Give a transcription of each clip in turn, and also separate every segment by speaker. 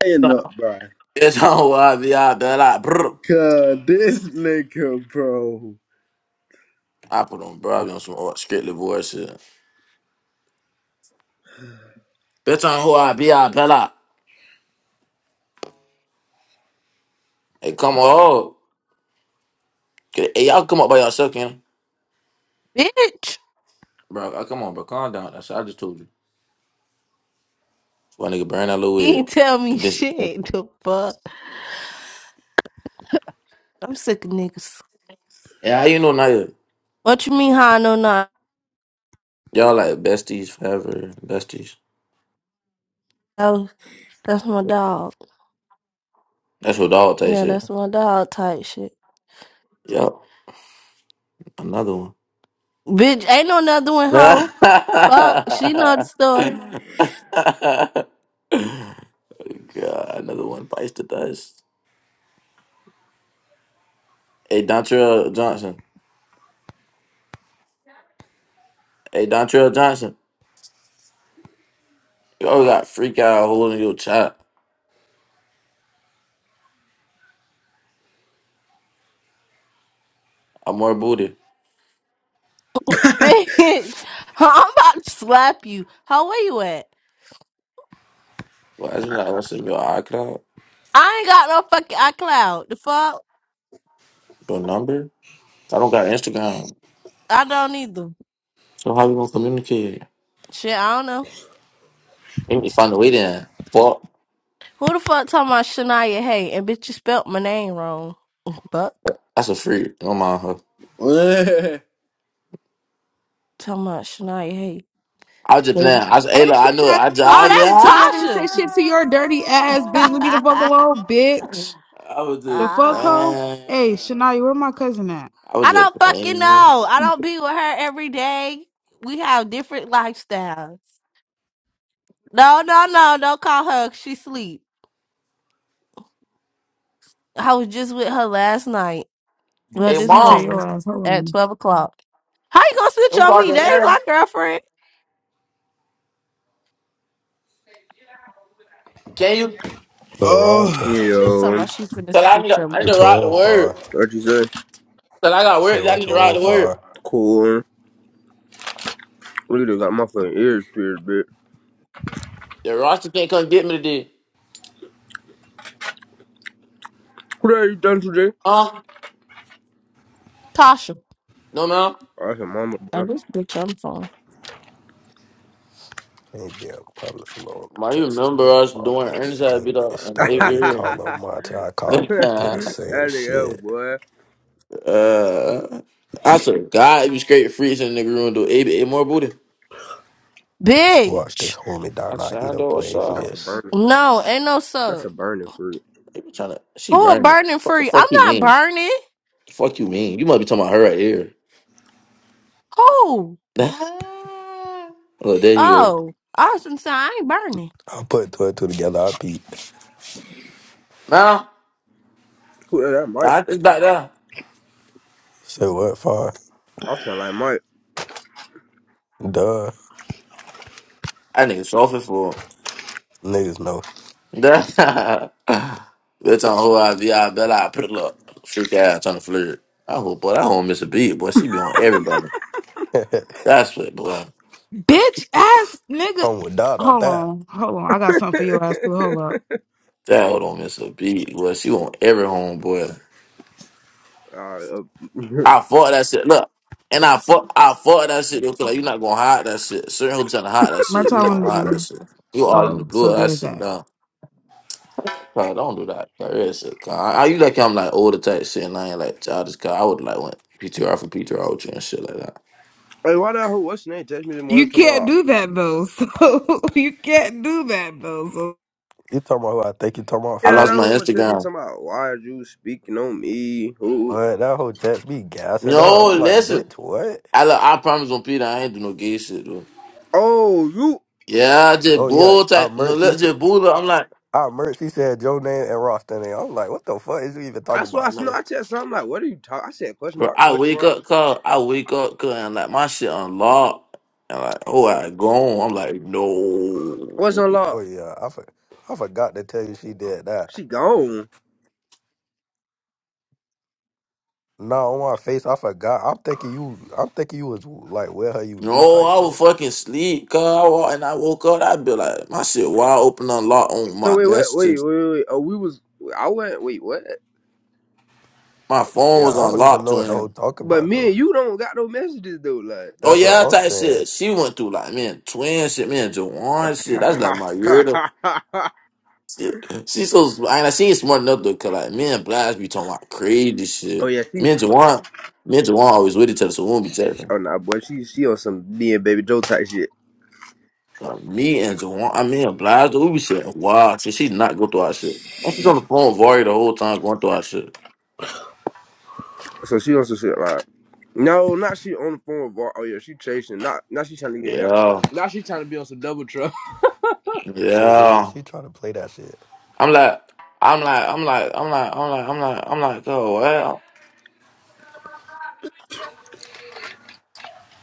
Speaker 1: Stand up, bro.
Speaker 2: Bitch on who I be, I bet I. Brr.
Speaker 1: Cause this nigga, bro.
Speaker 2: I put on, bro. I be on some old strictly voice shit. Bitch on who I be, I bet I. Hey, come on. Get, hey, y'all come up by yourself, can
Speaker 3: Bitch,
Speaker 2: Bro, I- come on, bro. Calm down. That's what I just told you. So, nigga, burn that little
Speaker 3: you
Speaker 2: wig.
Speaker 3: ain't tell me
Speaker 2: And this.
Speaker 3: shit. The fuck? I'm sick of niggas.
Speaker 2: Yeah, how you know Naya?
Speaker 3: What you mean how I know not?
Speaker 2: Y'all like besties forever. Besties.
Speaker 3: Oh, that's my dog.
Speaker 2: That's what dog type
Speaker 3: Yeah,
Speaker 2: shit.
Speaker 3: that's my dog type shit.
Speaker 2: Yup. Another one.
Speaker 3: Bitch, ain't no another one, hoe.
Speaker 2: God,
Speaker 3: Fuck, she know the story.
Speaker 2: another one bites the dust. Hey, Dontrell Johnson. Hey, Dontrell Johnson, you always got freak out holding your chat. I'm more booty.
Speaker 3: Bitch, I'm about to slap you. How where you at?
Speaker 2: Well, as you not listening to your iCloud,
Speaker 3: I ain't got no fucking iCloud. The fuck?
Speaker 2: your number. I don't got Instagram.
Speaker 3: I don't either.
Speaker 2: So how you gonna communicate?
Speaker 3: Shit, I don't know.
Speaker 2: You need to find a way then. Fuck.
Speaker 3: Who the fuck talking about Shania Hay? And bitch, you spelt my name wrong. Fuck.
Speaker 2: That's a freak. Don't mind her.
Speaker 3: Talking about Shania
Speaker 2: I was just
Speaker 3: Hay.
Speaker 2: playing. I was, hey,
Speaker 4: Hey,
Speaker 2: look, I
Speaker 4: pussy
Speaker 2: knew it.
Speaker 4: ass
Speaker 2: I
Speaker 4: bitch,
Speaker 2: just,
Speaker 4: don't
Speaker 2: I was
Speaker 4: say
Speaker 2: just,
Speaker 3: Oh,
Speaker 4: shit to me. I
Speaker 2: ah!
Speaker 3: that's
Speaker 4: didn't say
Speaker 3: Tasha.
Speaker 4: shit to your dirty ass bitch. Leave me the fuck alone, bitch.
Speaker 2: I was
Speaker 4: The
Speaker 2: just
Speaker 4: fuck,
Speaker 3: Ah,
Speaker 4: hoe?
Speaker 2: playing.
Speaker 4: Hey, Shania, where my cousin at?
Speaker 2: I was
Speaker 3: I
Speaker 2: just
Speaker 3: don't fucking
Speaker 2: playing.
Speaker 3: know. I don't be with her every day. We have different lifestyles. No, no, no. Don't call her. She sleep. I was just with her last night. Well,
Speaker 4: And
Speaker 2: Hey,
Speaker 3: this
Speaker 4: snitch at
Speaker 2: mom.
Speaker 4: your
Speaker 3: morning
Speaker 4: ass. Hold
Speaker 3: at
Speaker 4: on.
Speaker 3: 12 o'clock. How you gonna snitch
Speaker 2: I'm
Speaker 3: on me?
Speaker 2: talking here.
Speaker 3: That ain't my girlfriend.
Speaker 2: Can you?
Speaker 5: But Ralston,
Speaker 1: oh.
Speaker 3: She talking
Speaker 6: Yo,
Speaker 3: about she finna
Speaker 2: Cause I need,
Speaker 3: snitch
Speaker 2: to,
Speaker 3: on
Speaker 2: I need
Speaker 3: me.
Speaker 5: what
Speaker 2: to
Speaker 5: you
Speaker 2: rock the
Speaker 5: on
Speaker 2: word.
Speaker 5: for? I
Speaker 6: what you say?
Speaker 2: Cause I got
Speaker 5: said,
Speaker 2: work. I
Speaker 5: what
Speaker 2: need
Speaker 5: you
Speaker 2: to ride
Speaker 5: on
Speaker 2: to work.
Speaker 5: for?
Speaker 6: Cool. Look at it, got my fucking ears pierced, bitch.
Speaker 2: The roster can't come get me today.
Speaker 6: What are you done today?
Speaker 2: Huh?
Speaker 3: Tasha.
Speaker 2: No, man.
Speaker 6: Oh, that's your mama, boy.
Speaker 3: And this bitch on the phone.
Speaker 5: Can't be out in public for long.
Speaker 2: Ma,
Speaker 5: Try
Speaker 2: you
Speaker 5: to say
Speaker 2: remember
Speaker 5: that
Speaker 2: us
Speaker 5: fuck
Speaker 2: doing
Speaker 5: get
Speaker 2: Ernest had beat
Speaker 5: fame.
Speaker 2: up
Speaker 5: That's
Speaker 2: in
Speaker 5: the way
Speaker 2: eighth
Speaker 5: we call him.
Speaker 6: that
Speaker 5: Monty, I
Speaker 2: grade?
Speaker 5: caught did the same
Speaker 6: nigga, that
Speaker 5: shit.
Speaker 6: boy.
Speaker 2: uh, I swear to God, it was great freezing nigga room do eight, eight more booty.
Speaker 5: Watch this
Speaker 3: Bitch.
Speaker 5: homie down
Speaker 2: I
Speaker 5: now. He the
Speaker 2: signed up. What's
Speaker 5: blame for
Speaker 2: up?
Speaker 6: That's a
Speaker 5: this.
Speaker 6: burner.
Speaker 3: No, ain't no
Speaker 6: That's
Speaker 3: sub.
Speaker 6: a burner fruit.
Speaker 2: They be trying to. She
Speaker 3: Who a
Speaker 2: burning. me.
Speaker 3: burning
Speaker 2: What the
Speaker 3: free?
Speaker 2: fuck
Speaker 3: I'm
Speaker 2: you
Speaker 3: not
Speaker 2: mean?
Speaker 3: burning.
Speaker 2: The fuck you mean? You must be talking about her right here.
Speaker 3: Who?
Speaker 2: oh, there you go.
Speaker 3: Oh, Austin said, I ain't burning.
Speaker 5: I put two and two together. I beat.
Speaker 2: man.
Speaker 6: Who that, that Mike?
Speaker 2: I just back there.
Speaker 5: Say what for?
Speaker 6: I sound like Mike.
Speaker 5: Duh.
Speaker 2: I nigga soft for.
Speaker 5: Niggas know.
Speaker 2: That's on who I be. I bet I put a little freak ass on the flirt. I hope, boy, that don't miss a beat, boy. She be on everybody. That's what, boy.
Speaker 4: Bitch ass nigga.
Speaker 5: I'm with Dot off
Speaker 4: Hold
Speaker 5: that.
Speaker 4: on. Hold on. I got something for your ass too. Hold up.
Speaker 2: That hoe don't miss a beat, boy. She on every home, boy.
Speaker 6: Alright, uh,
Speaker 2: I fought that shit. Look, and I fought, I fought that shit. though, 'cause, like, you're not gonna hide that shit. Certain hoes trying to hide that
Speaker 4: My
Speaker 2: shit. You're not
Speaker 4: child is
Speaker 2: gonna hide that
Speaker 4: you.
Speaker 2: shit. You all in the
Speaker 4: Oh, so
Speaker 2: blue. That
Speaker 4: there's
Speaker 2: shit,
Speaker 4: that.
Speaker 2: done. Nah, don't do that. That real shit. Cause I, I you like I'm like older type shit, and I ain't like childish. Cause I would like went PTR for PTR with you and shit like that.
Speaker 6: hey, why that hoe? What's her name? Text me this morning
Speaker 4: You can't
Speaker 6: tomorrow.
Speaker 4: do that though. So you can't do that though. So
Speaker 5: You talking about who I think you talking about
Speaker 2: I
Speaker 6: Yeah, that
Speaker 2: lost
Speaker 5: for?
Speaker 2: my
Speaker 6: hoe one text me
Speaker 2: Instagram.
Speaker 6: tomorrow. Why are you speaking on me? Who?
Speaker 5: What? That whole text me gassing up.
Speaker 2: No,
Speaker 5: I'm like,
Speaker 2: listen.
Speaker 5: bitch, what?
Speaker 2: I look, I promise on Peter, I ain't do no gay shit though.
Speaker 6: Oh, you.
Speaker 2: Yeah, I just
Speaker 5: Oh yeah,
Speaker 2: bull
Speaker 5: I
Speaker 2: type. No, look,
Speaker 5: merch.
Speaker 2: just bull. up. I'm like,
Speaker 5: Our merch. He said Joe name and Ross name. I'm like, what the fuck is you even talking
Speaker 6: That's why I,
Speaker 5: about,
Speaker 6: s-
Speaker 2: no,
Speaker 6: no,
Speaker 5: bitch?
Speaker 6: I said something like, what are you talking? I said question
Speaker 2: bro.
Speaker 6: mark,
Speaker 2: I
Speaker 6: question
Speaker 2: wake
Speaker 6: mark.
Speaker 2: up, cause I wake up, cause I'm like my shit unlocked. And like, oh, I gone. I'm like,
Speaker 6: What's
Speaker 2: no,
Speaker 6: on
Speaker 5: Oh
Speaker 6: lock?
Speaker 5: yeah, I for, I forgot to tell you she did that.
Speaker 6: She gone.
Speaker 5: No, on my face, I forgot. I'm thinking you. I'm thinking you was like, where her you
Speaker 2: no,
Speaker 5: do type
Speaker 2: I was
Speaker 5: shit.
Speaker 2: fucking sleep, cause I wa- and I woke up. I'd be like, my shit wide open, unlocked on
Speaker 6: So
Speaker 2: my
Speaker 6: wait, what? Wait,
Speaker 2: messages.
Speaker 6: wait, wait. wait. Oh, we was. I went. Wait, what?
Speaker 2: My phone
Speaker 5: Yeah, I
Speaker 2: was
Speaker 5: don't even
Speaker 2: unlocked
Speaker 5: know
Speaker 2: to
Speaker 5: what the whole
Speaker 2: him.
Speaker 5: talk
Speaker 6: But
Speaker 5: about
Speaker 6: me
Speaker 5: though.
Speaker 6: and you don't got no messages though. Like.
Speaker 2: Oh
Speaker 5: That's what
Speaker 2: yeah,
Speaker 5: I'm
Speaker 2: type
Speaker 5: saying.
Speaker 2: shit. She went through like man, twin shit, man, Jawan shit. That's like my year. She's so smart. And she is smart enough though, cause like me and Blas be talking about crazy
Speaker 6: oh
Speaker 2: shit.
Speaker 6: yeah, she.
Speaker 2: Me and Jawan, me and Jawan always with each other, so we don't be telling.
Speaker 6: Oh nah, boy, she she on some me and Baby Joe type shit.
Speaker 2: Like, me and Jawan, I mean Blas, we be saying wow, shit. She not go through our shit. And she's on the phone with Vari the whole time going through our shit.
Speaker 6: So she on some shit like. No, not she on the phone with. Var- Oh yeah, she chasing. Not now she trying to get out.
Speaker 2: Yeah,
Speaker 6: Now she trying to be on some double truck.
Speaker 5: You hear me?
Speaker 2: yeah.
Speaker 5: She trying to play that shit.
Speaker 2: I'm like, I'm like, I'm like, I'm like, I'm like, I'm like, I'm like, oh well,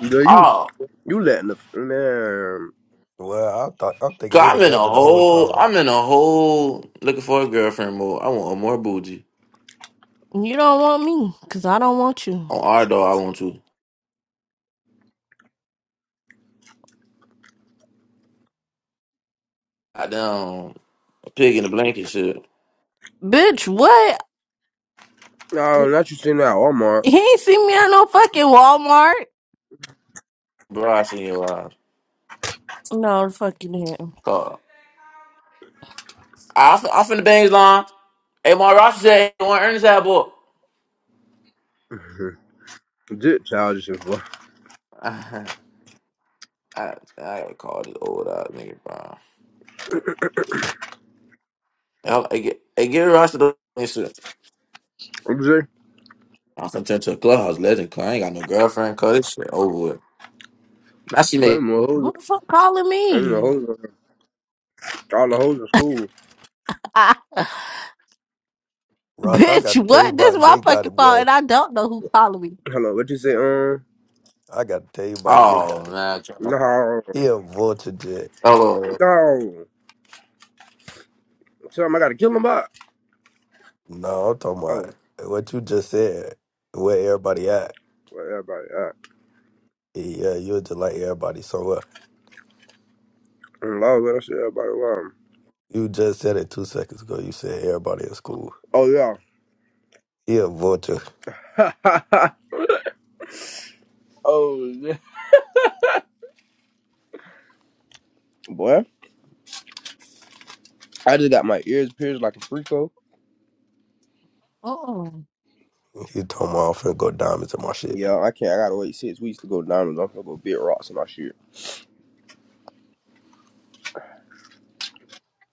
Speaker 6: No, you
Speaker 2: oh.
Speaker 6: you letting the man.
Speaker 5: Well, I thought I'm thinking they
Speaker 2: God, I'm in a
Speaker 5: together the whole
Speaker 2: whole,
Speaker 5: time.
Speaker 2: I'm in a whole looking for a girlfriend mode. I want a more bougie.
Speaker 3: You don't want me, because I don't want you.
Speaker 2: On our dog, I want to. Goddamn. Pig in the blanket shit.
Speaker 3: Bitch, what?
Speaker 6: No, not you sitting at Walmart.
Speaker 3: He ain't seen me at no fucking Walmart.
Speaker 2: Brush in your eyes.
Speaker 3: No, the fuck you didn't.
Speaker 2: Call. I, fin- I finna bang his line. Hey, my roster said he want Ernest that boy.
Speaker 6: Just childish as fuck.
Speaker 2: I, I gotta call this old ass nigga, bro. Hell, I get, I get roster though. and shit.
Speaker 6: I'm just
Speaker 2: I'm finna turn to a clubhouse legend, cause I ain't got no girlfriend, cause this shit over with. Now she make,
Speaker 6: claiming the hoes.
Speaker 3: Who the fuck calling
Speaker 6: and the
Speaker 3: me?
Speaker 6: hoes. All the hoes in school.
Speaker 5: Ross, I got to
Speaker 3: Bitch,
Speaker 5: tell you
Speaker 3: what? This is
Speaker 5: about
Speaker 3: my
Speaker 5: Jay
Speaker 3: fucking
Speaker 5: Gotti,
Speaker 3: fault,
Speaker 5: boy.
Speaker 3: and I don't know who calling me.
Speaker 6: Hello, what you say? Um,
Speaker 5: I got to tell you about Jay
Speaker 2: oh,
Speaker 5: Gotti.
Speaker 2: man.
Speaker 6: no,
Speaker 5: He a vulture, Jay.
Speaker 2: Oh,
Speaker 6: no. Tell him I gotta kill him up.
Speaker 5: No, I'm talking
Speaker 6: Oh,
Speaker 5: about what you just said. Where everybody at?
Speaker 6: well, everybody, uh,
Speaker 5: Yeah, you're just like everybody. So what?
Speaker 6: Lord, what I say, everybody, well,
Speaker 5: You just said it two seconds ago. You said everybody at school.
Speaker 6: um,
Speaker 5: He a vulture.
Speaker 6: oh yeah, oh yeah. boy, I just got my ears pierced like a freako.
Speaker 3: Oo.
Speaker 5: He talking about I'm finna go diamonds in my shit.
Speaker 6: Yeah, I can't. I gotta wait six weeks to go diamonds. I'm gonna go big rocks and my shit,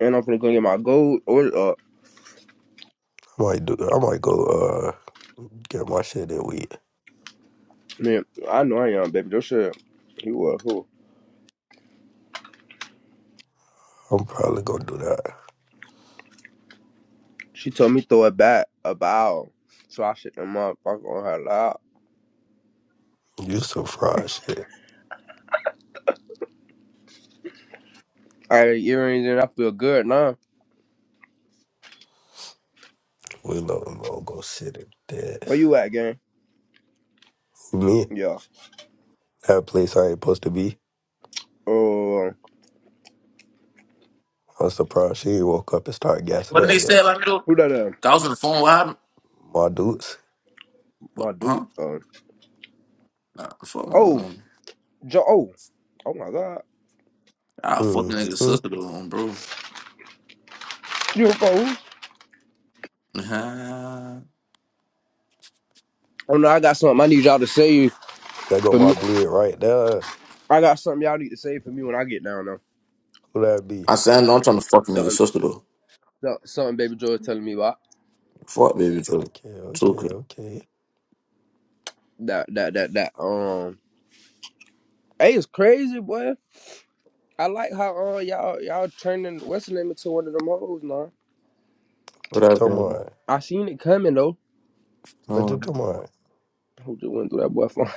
Speaker 6: and I'm finna go get my gold order up.
Speaker 5: I might do. I might go uh get my shit and weed.
Speaker 6: Man, I know I am, baby. Don't shit. You was who?
Speaker 5: I'm probably gonna do that.
Speaker 6: She told me throw it back a bow, so I shit them up. I'm gonna have loud.
Speaker 5: You some fried shit.
Speaker 6: I got earrings and I feel good now.
Speaker 5: We know I'm gonna go sit in
Speaker 6: Where
Speaker 5: this.
Speaker 6: you at, gang?
Speaker 5: Me,
Speaker 6: Yeah.
Speaker 5: that place I ain't supposed to be.
Speaker 6: Uh,
Speaker 5: I'm surprised she ain't woke up and started
Speaker 2: what
Speaker 5: gassing
Speaker 2: did
Speaker 5: up
Speaker 2: they say
Speaker 5: yet.
Speaker 2: about me though? 'Cause
Speaker 6: who that? is?
Speaker 2: I was on the phone with her.
Speaker 5: My dudes.
Speaker 2: What,
Speaker 6: my dude.
Speaker 2: huh?
Speaker 6: Uh,
Speaker 2: Nah, fuck my
Speaker 6: oh,
Speaker 2: mom.
Speaker 6: Joe. Oh, oh my God.
Speaker 2: I
Speaker 5: Mm.
Speaker 2: fucking nigga's sister though, bro.
Speaker 6: You a fool? Oh no, I got something. I need y'all to save
Speaker 5: That got
Speaker 6: for
Speaker 5: my
Speaker 6: me.
Speaker 5: bleed right there.
Speaker 6: I got something y'all need to save for me when I get down though.
Speaker 5: Who that be?
Speaker 2: I said, I know I'm trying to fuck a nigga's
Speaker 6: Something,
Speaker 2: sister though.
Speaker 6: so- something. Baby Joe is telling me about
Speaker 2: Fuck baby too.
Speaker 5: Okay, okay,
Speaker 2: Tuka.
Speaker 5: okay.
Speaker 6: that. That. That. That. Um. Hey, it's crazy, boy. I like how uh y'all y'all turning what's the name into one of them hoes now.
Speaker 5: What you
Speaker 2: What up,
Speaker 5: talking
Speaker 2: baby?
Speaker 5: about?
Speaker 6: I seen it coming though.
Speaker 5: What you
Speaker 2: Um,
Speaker 5: talking about?
Speaker 6: Who just went through that boy phone?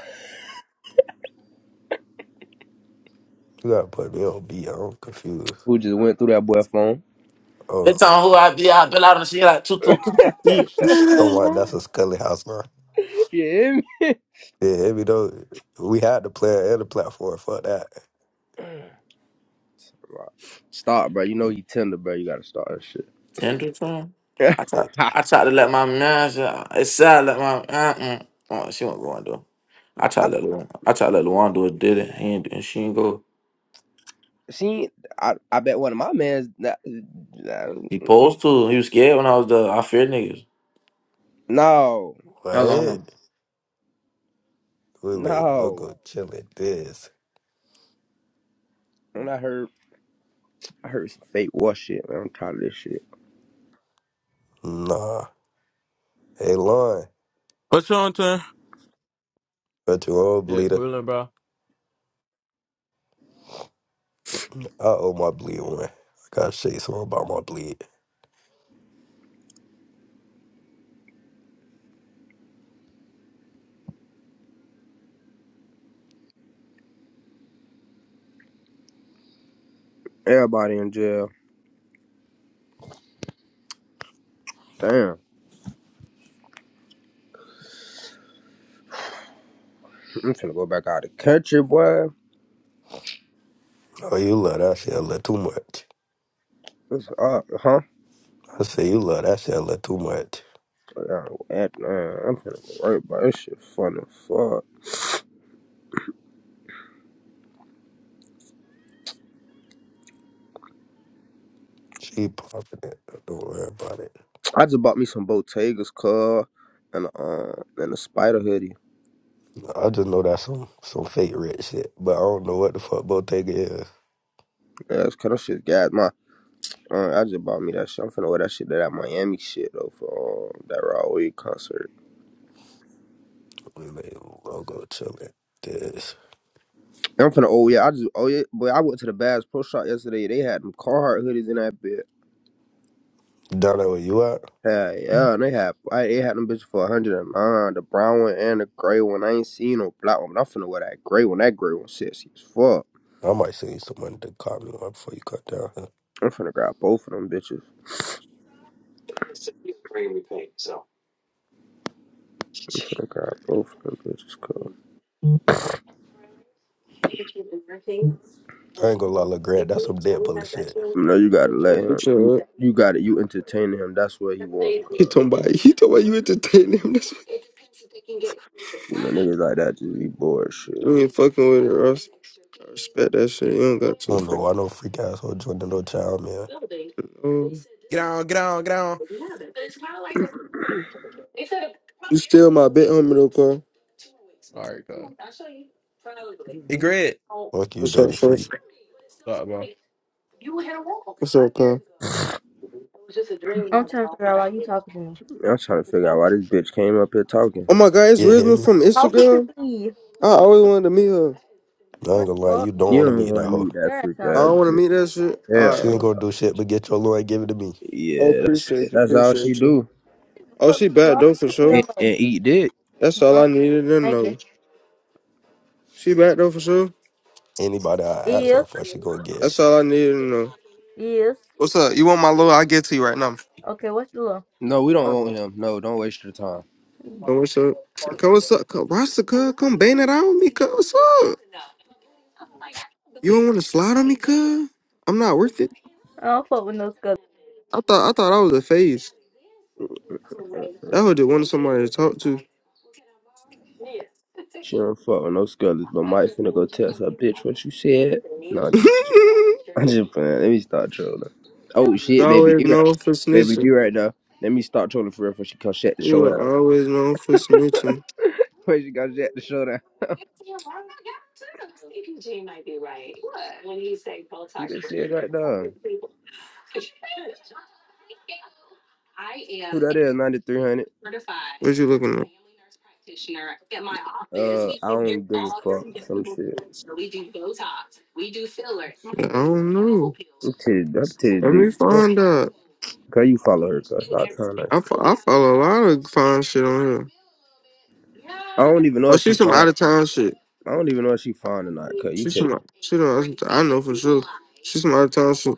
Speaker 5: You gotta put me on beat. I'm confused.
Speaker 6: Who just went through that boy phone?
Speaker 5: Oh,
Speaker 2: they tell who I be. I been out on the shit like two, two, two, two, three.
Speaker 5: talking about that's a Scully house now.
Speaker 6: yeah,
Speaker 5: Yeah, every though we had the player and the platform. Fuck that.
Speaker 6: Start, bro. You know he tender, bro. You gotta start that shit.
Speaker 2: Tender time. I tried.
Speaker 5: Hey,
Speaker 2: I tried to let my man. yeah, It said let my. Uh-uh. Oh, she wasn't going though. I
Speaker 6: I
Speaker 2: tried to let Luan. I tried to let Luan do it. Did it? He ain't, and she ain't go.
Speaker 6: see. I I bet one of my man's. That,
Speaker 2: He posed to. He was scared when I was there. I feared niggas.
Speaker 6: no,
Speaker 2: How
Speaker 5: what?
Speaker 2: long?
Speaker 5: We like
Speaker 6: no.
Speaker 5: logo chilling this.
Speaker 6: When I heard, I heard some fake war shit. Man, I'm tired of this shit.
Speaker 5: Nah. Hey, Lon,
Speaker 7: What's your turn?
Speaker 5: got your own
Speaker 7: Yeah,
Speaker 5: bleeder.
Speaker 7: Quillen, bro.
Speaker 5: I owe my bleed one. I gotta say something about my bleed.
Speaker 6: Everybody in jail. Damn, I'm finna go back out of the country, boy.
Speaker 5: Oh, you love that shit a little too much.
Speaker 6: What's up, huh?
Speaker 5: I say you love that shit a little too much.
Speaker 6: Yeah, at- Man, I'm finna go right, bro. This shit fun as fuck.
Speaker 5: She popping it. Don't worry about it.
Speaker 6: I just bought me some Bottega's car and uh and a spider hoodie.
Speaker 5: I just know that's some some fake red shit, but I don't know what the fuck Bottega is.
Speaker 6: Yeah, it's kind of shit gas. Uh, I just bought me that shit. I'm finna wear that shit to that Miami shit though for um, that Raw Wave concert.
Speaker 5: We lay logo chilling. This
Speaker 6: And I'm finna oh yeah, I just oh yeah, but I went to the Bass Pro Shop yesterday. They had them Carhartt hoodies in that bit.
Speaker 5: down there where you at?
Speaker 6: Hell yeah, and they had I, they had them bitches for 109, the brown one and the gray one. I ain't seen no black one, but I'm finna wear that gray one. That gray one sexy as fuck.
Speaker 5: I might send you some money to call me one before you cut down.
Speaker 6: I'm finna grab both of them bitches. I'm finna grab both of them bitches, cuz.
Speaker 5: I ain't gonna lie, little Grant, that's some dead bullet shit.
Speaker 6: You know you gotta let him.
Speaker 8: What's
Speaker 6: You
Speaker 8: up?
Speaker 6: you gotta you entertaining him. That's what he want,
Speaker 8: He
Speaker 6: cuz.
Speaker 8: talking about he talking about you entertaining him. That's what
Speaker 6: You know niggas like that just be bored as
Speaker 8: you
Speaker 6: shit.
Speaker 8: ain't fucking with her. I, res- I respect that shit. You don't got to
Speaker 5: I don't know
Speaker 8: fucking.
Speaker 5: why no freak asshole joining no child, man.
Speaker 8: know.
Speaker 7: Get on, get on, get on.
Speaker 8: You still my bit homie though, Carl.
Speaker 7: All right, cuz. Hey,
Speaker 6: I'm
Speaker 7: Greg.
Speaker 5: Fuck you,
Speaker 8: What's up,
Speaker 5: dirty
Speaker 8: son?
Speaker 5: freak.
Speaker 7: What's up, bro?
Speaker 8: What's up, Carl?
Speaker 9: I'm trying to figure out why you talking to me.
Speaker 6: trying to figure out why this bitch came up here talking.
Speaker 8: Oh my God, it's
Speaker 5: Yeah, hit
Speaker 8: Rizma
Speaker 5: me.
Speaker 8: from
Speaker 9: Talking to
Speaker 8: Instagram.
Speaker 9: me.
Speaker 8: I always wanted to meet her.
Speaker 5: I ain't
Speaker 9: What
Speaker 5: gonna
Speaker 9: the
Speaker 5: lie,
Speaker 9: fuck?
Speaker 5: you don't
Speaker 6: You
Speaker 5: want to
Speaker 6: don't
Speaker 5: meet
Speaker 6: want
Speaker 5: that
Speaker 6: to
Speaker 5: hoe.
Speaker 6: meet that
Speaker 9: You're
Speaker 6: freak
Speaker 9: not.
Speaker 8: I
Speaker 9: like
Speaker 6: ass
Speaker 8: don't want to
Speaker 6: bitch.
Speaker 8: meet that shit.
Speaker 6: Hell
Speaker 5: She
Speaker 8: Alright.
Speaker 5: ain't
Speaker 6: no.
Speaker 5: gonna do shit but get your lawyer and give it to me.
Speaker 8: Oh,
Speaker 6: Yeah, that's it.
Speaker 8: appreciate you,
Speaker 6: That's all she
Speaker 8: appreciate you.
Speaker 6: do.
Speaker 9: The
Speaker 8: Oh,
Speaker 9: fuck
Speaker 8: she
Speaker 9: you
Speaker 8: back
Speaker 9: all
Speaker 8: though for
Speaker 9: in
Speaker 8: sure.
Speaker 9: your
Speaker 6: And,
Speaker 9: mouth.
Speaker 6: and eat dick.
Speaker 8: That's
Speaker 9: I
Speaker 8: all I
Speaker 9: don't get
Speaker 8: needed
Speaker 9: it.
Speaker 8: to
Speaker 9: Thank you.
Speaker 8: know. She back though for sure.
Speaker 5: Anybody I ask her
Speaker 9: Is
Speaker 5: for, she gonna get.
Speaker 8: That's all I needed to know.
Speaker 9: is
Speaker 8: What's up? You want my load? I'll get to you right now.
Speaker 9: okay. What's the law?
Speaker 6: No, we don't
Speaker 8: Uh,
Speaker 6: want him. No, don't waste your time.
Speaker 8: No, what's up? Come, what's up? Come, Rasta, cuz. Come bang it out with me, cuz. What's up? You don't want to slide on me, cuz? I'm not worth it.
Speaker 9: I don't fuck with no scuzzers.
Speaker 8: I thought I thought I was a phase. That hoe just wanted somebody to talk to.
Speaker 6: She don't fuck with no scullers, but Mike finna go tell her bitch what you said. No, just I'm
Speaker 8: you
Speaker 6: just playing. Let me start trolling. Oh
Speaker 8: was
Speaker 6: shit, baby
Speaker 8: always
Speaker 6: D
Speaker 8: known
Speaker 6: right,
Speaker 8: for
Speaker 6: baby D
Speaker 8: snitching.
Speaker 6: right now. Let me start trolling for real before she come shut the
Speaker 8: You
Speaker 6: show
Speaker 8: were
Speaker 6: down.
Speaker 8: always known for snitching.
Speaker 6: Where she got to shut the show down? Who this is right now? Who that is? Ninety three hundred.
Speaker 8: What you looking at?
Speaker 6: Uh, I don't give a fuck. Some shit.
Speaker 8: I don't know.
Speaker 6: Them titty, that titty
Speaker 8: Let
Speaker 6: big
Speaker 8: me
Speaker 6: as fuck.
Speaker 8: find out.
Speaker 6: Cause you follow her, cause stop telling that
Speaker 8: I,
Speaker 6: shit.
Speaker 8: fo- I follow a lot of fine shit on here.
Speaker 6: I don't even know
Speaker 8: Oh,
Speaker 6: if she
Speaker 8: she's some
Speaker 6: fine.
Speaker 8: out of town shit.
Speaker 6: I don't even know if she fine or not, cause you
Speaker 8: She's
Speaker 6: check.
Speaker 8: some she don't I know for sure. She's some out of town shit.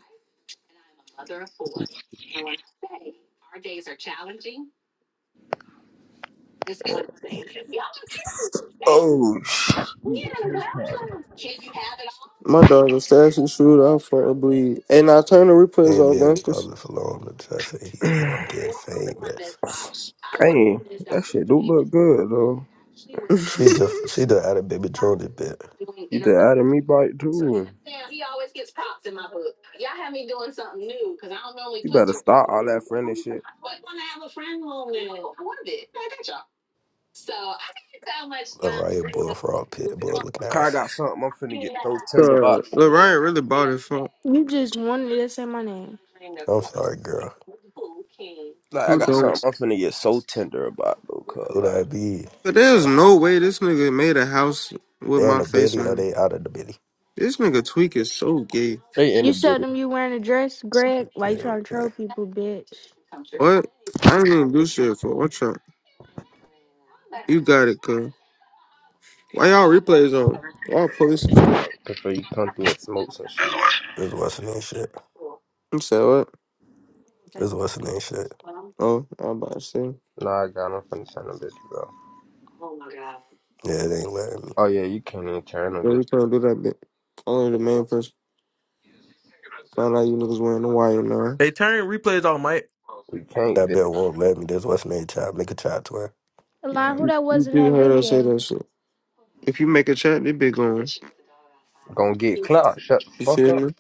Speaker 6: Oh shit. Dang,
Speaker 8: My dog was actually shoot out for a bleed. And I turn the replays
Speaker 5: Ain't
Speaker 8: off,
Speaker 5: been in
Speaker 8: gangsters.
Speaker 5: public for long until I say, you know, I'm getting famous.
Speaker 6: that shit do look good though.
Speaker 5: She just, she done had a baby Jordan bit.
Speaker 6: You just added me bite too. You better stop all that friendly shit.
Speaker 5: Mariah Bull, Frog Pit Bull, looking
Speaker 6: Cause I
Speaker 5: ass.
Speaker 6: got something I'm finna get so
Speaker 8: so
Speaker 6: tender about.
Speaker 8: Lil Ryan really bought it
Speaker 10: You just wanted to say my name.
Speaker 5: I'm sorry, girl.
Speaker 6: Like I
Speaker 8: Who
Speaker 6: got
Speaker 8: don't?
Speaker 6: something I'm finna get so tender about though, cause
Speaker 5: Who
Speaker 6: like
Speaker 5: that be?
Speaker 8: But there's
Speaker 6: uh,
Speaker 8: no way this nigga made a house with
Speaker 5: They in
Speaker 8: my
Speaker 5: the
Speaker 8: face
Speaker 5: biddy or
Speaker 8: on it.
Speaker 5: they out of the biddy?
Speaker 8: This nigga tweak is so gay.
Speaker 6: they in the
Speaker 10: You showed
Speaker 6: building
Speaker 10: them you wearing a dress, Greg. Why you
Speaker 5: Okay,
Speaker 10: trying to
Speaker 5: okay.
Speaker 10: troll people, bitch?
Speaker 8: What? I ain't gonna do shit for what you You got it, cuz. Why y'all replays on? Y'all police subscribe.
Speaker 6: before you come through and smoke some shit.
Speaker 5: This what's name shit.
Speaker 8: I'm saying what?
Speaker 5: This what's name shit.
Speaker 8: Oh, I'm about to say.
Speaker 6: Nah, I got him finna send them bitch, bro.
Speaker 5: Yeah, it ain't letting me.
Speaker 6: Oh yeah, you can't even turn them
Speaker 8: Yeah,
Speaker 6: bitch.
Speaker 8: we can't do that bit. Only the main person found out you niggas wearing the wire now.
Speaker 7: Hey, turn replays off, Mike.
Speaker 6: You can't.
Speaker 5: That
Speaker 6: Bitch.
Speaker 5: bit won't let me. This what's name child. Make a child twin.
Speaker 10: Alon, who
Speaker 8: You,
Speaker 10: that
Speaker 8: you
Speaker 10: was in
Speaker 8: did
Speaker 10: that
Speaker 8: heard us say
Speaker 10: video?
Speaker 8: that shit. If you make a chat, they be going.
Speaker 6: Gonna get
Speaker 8: You
Speaker 6: clout. Shut the fuck
Speaker 8: see
Speaker 6: up.
Speaker 8: me?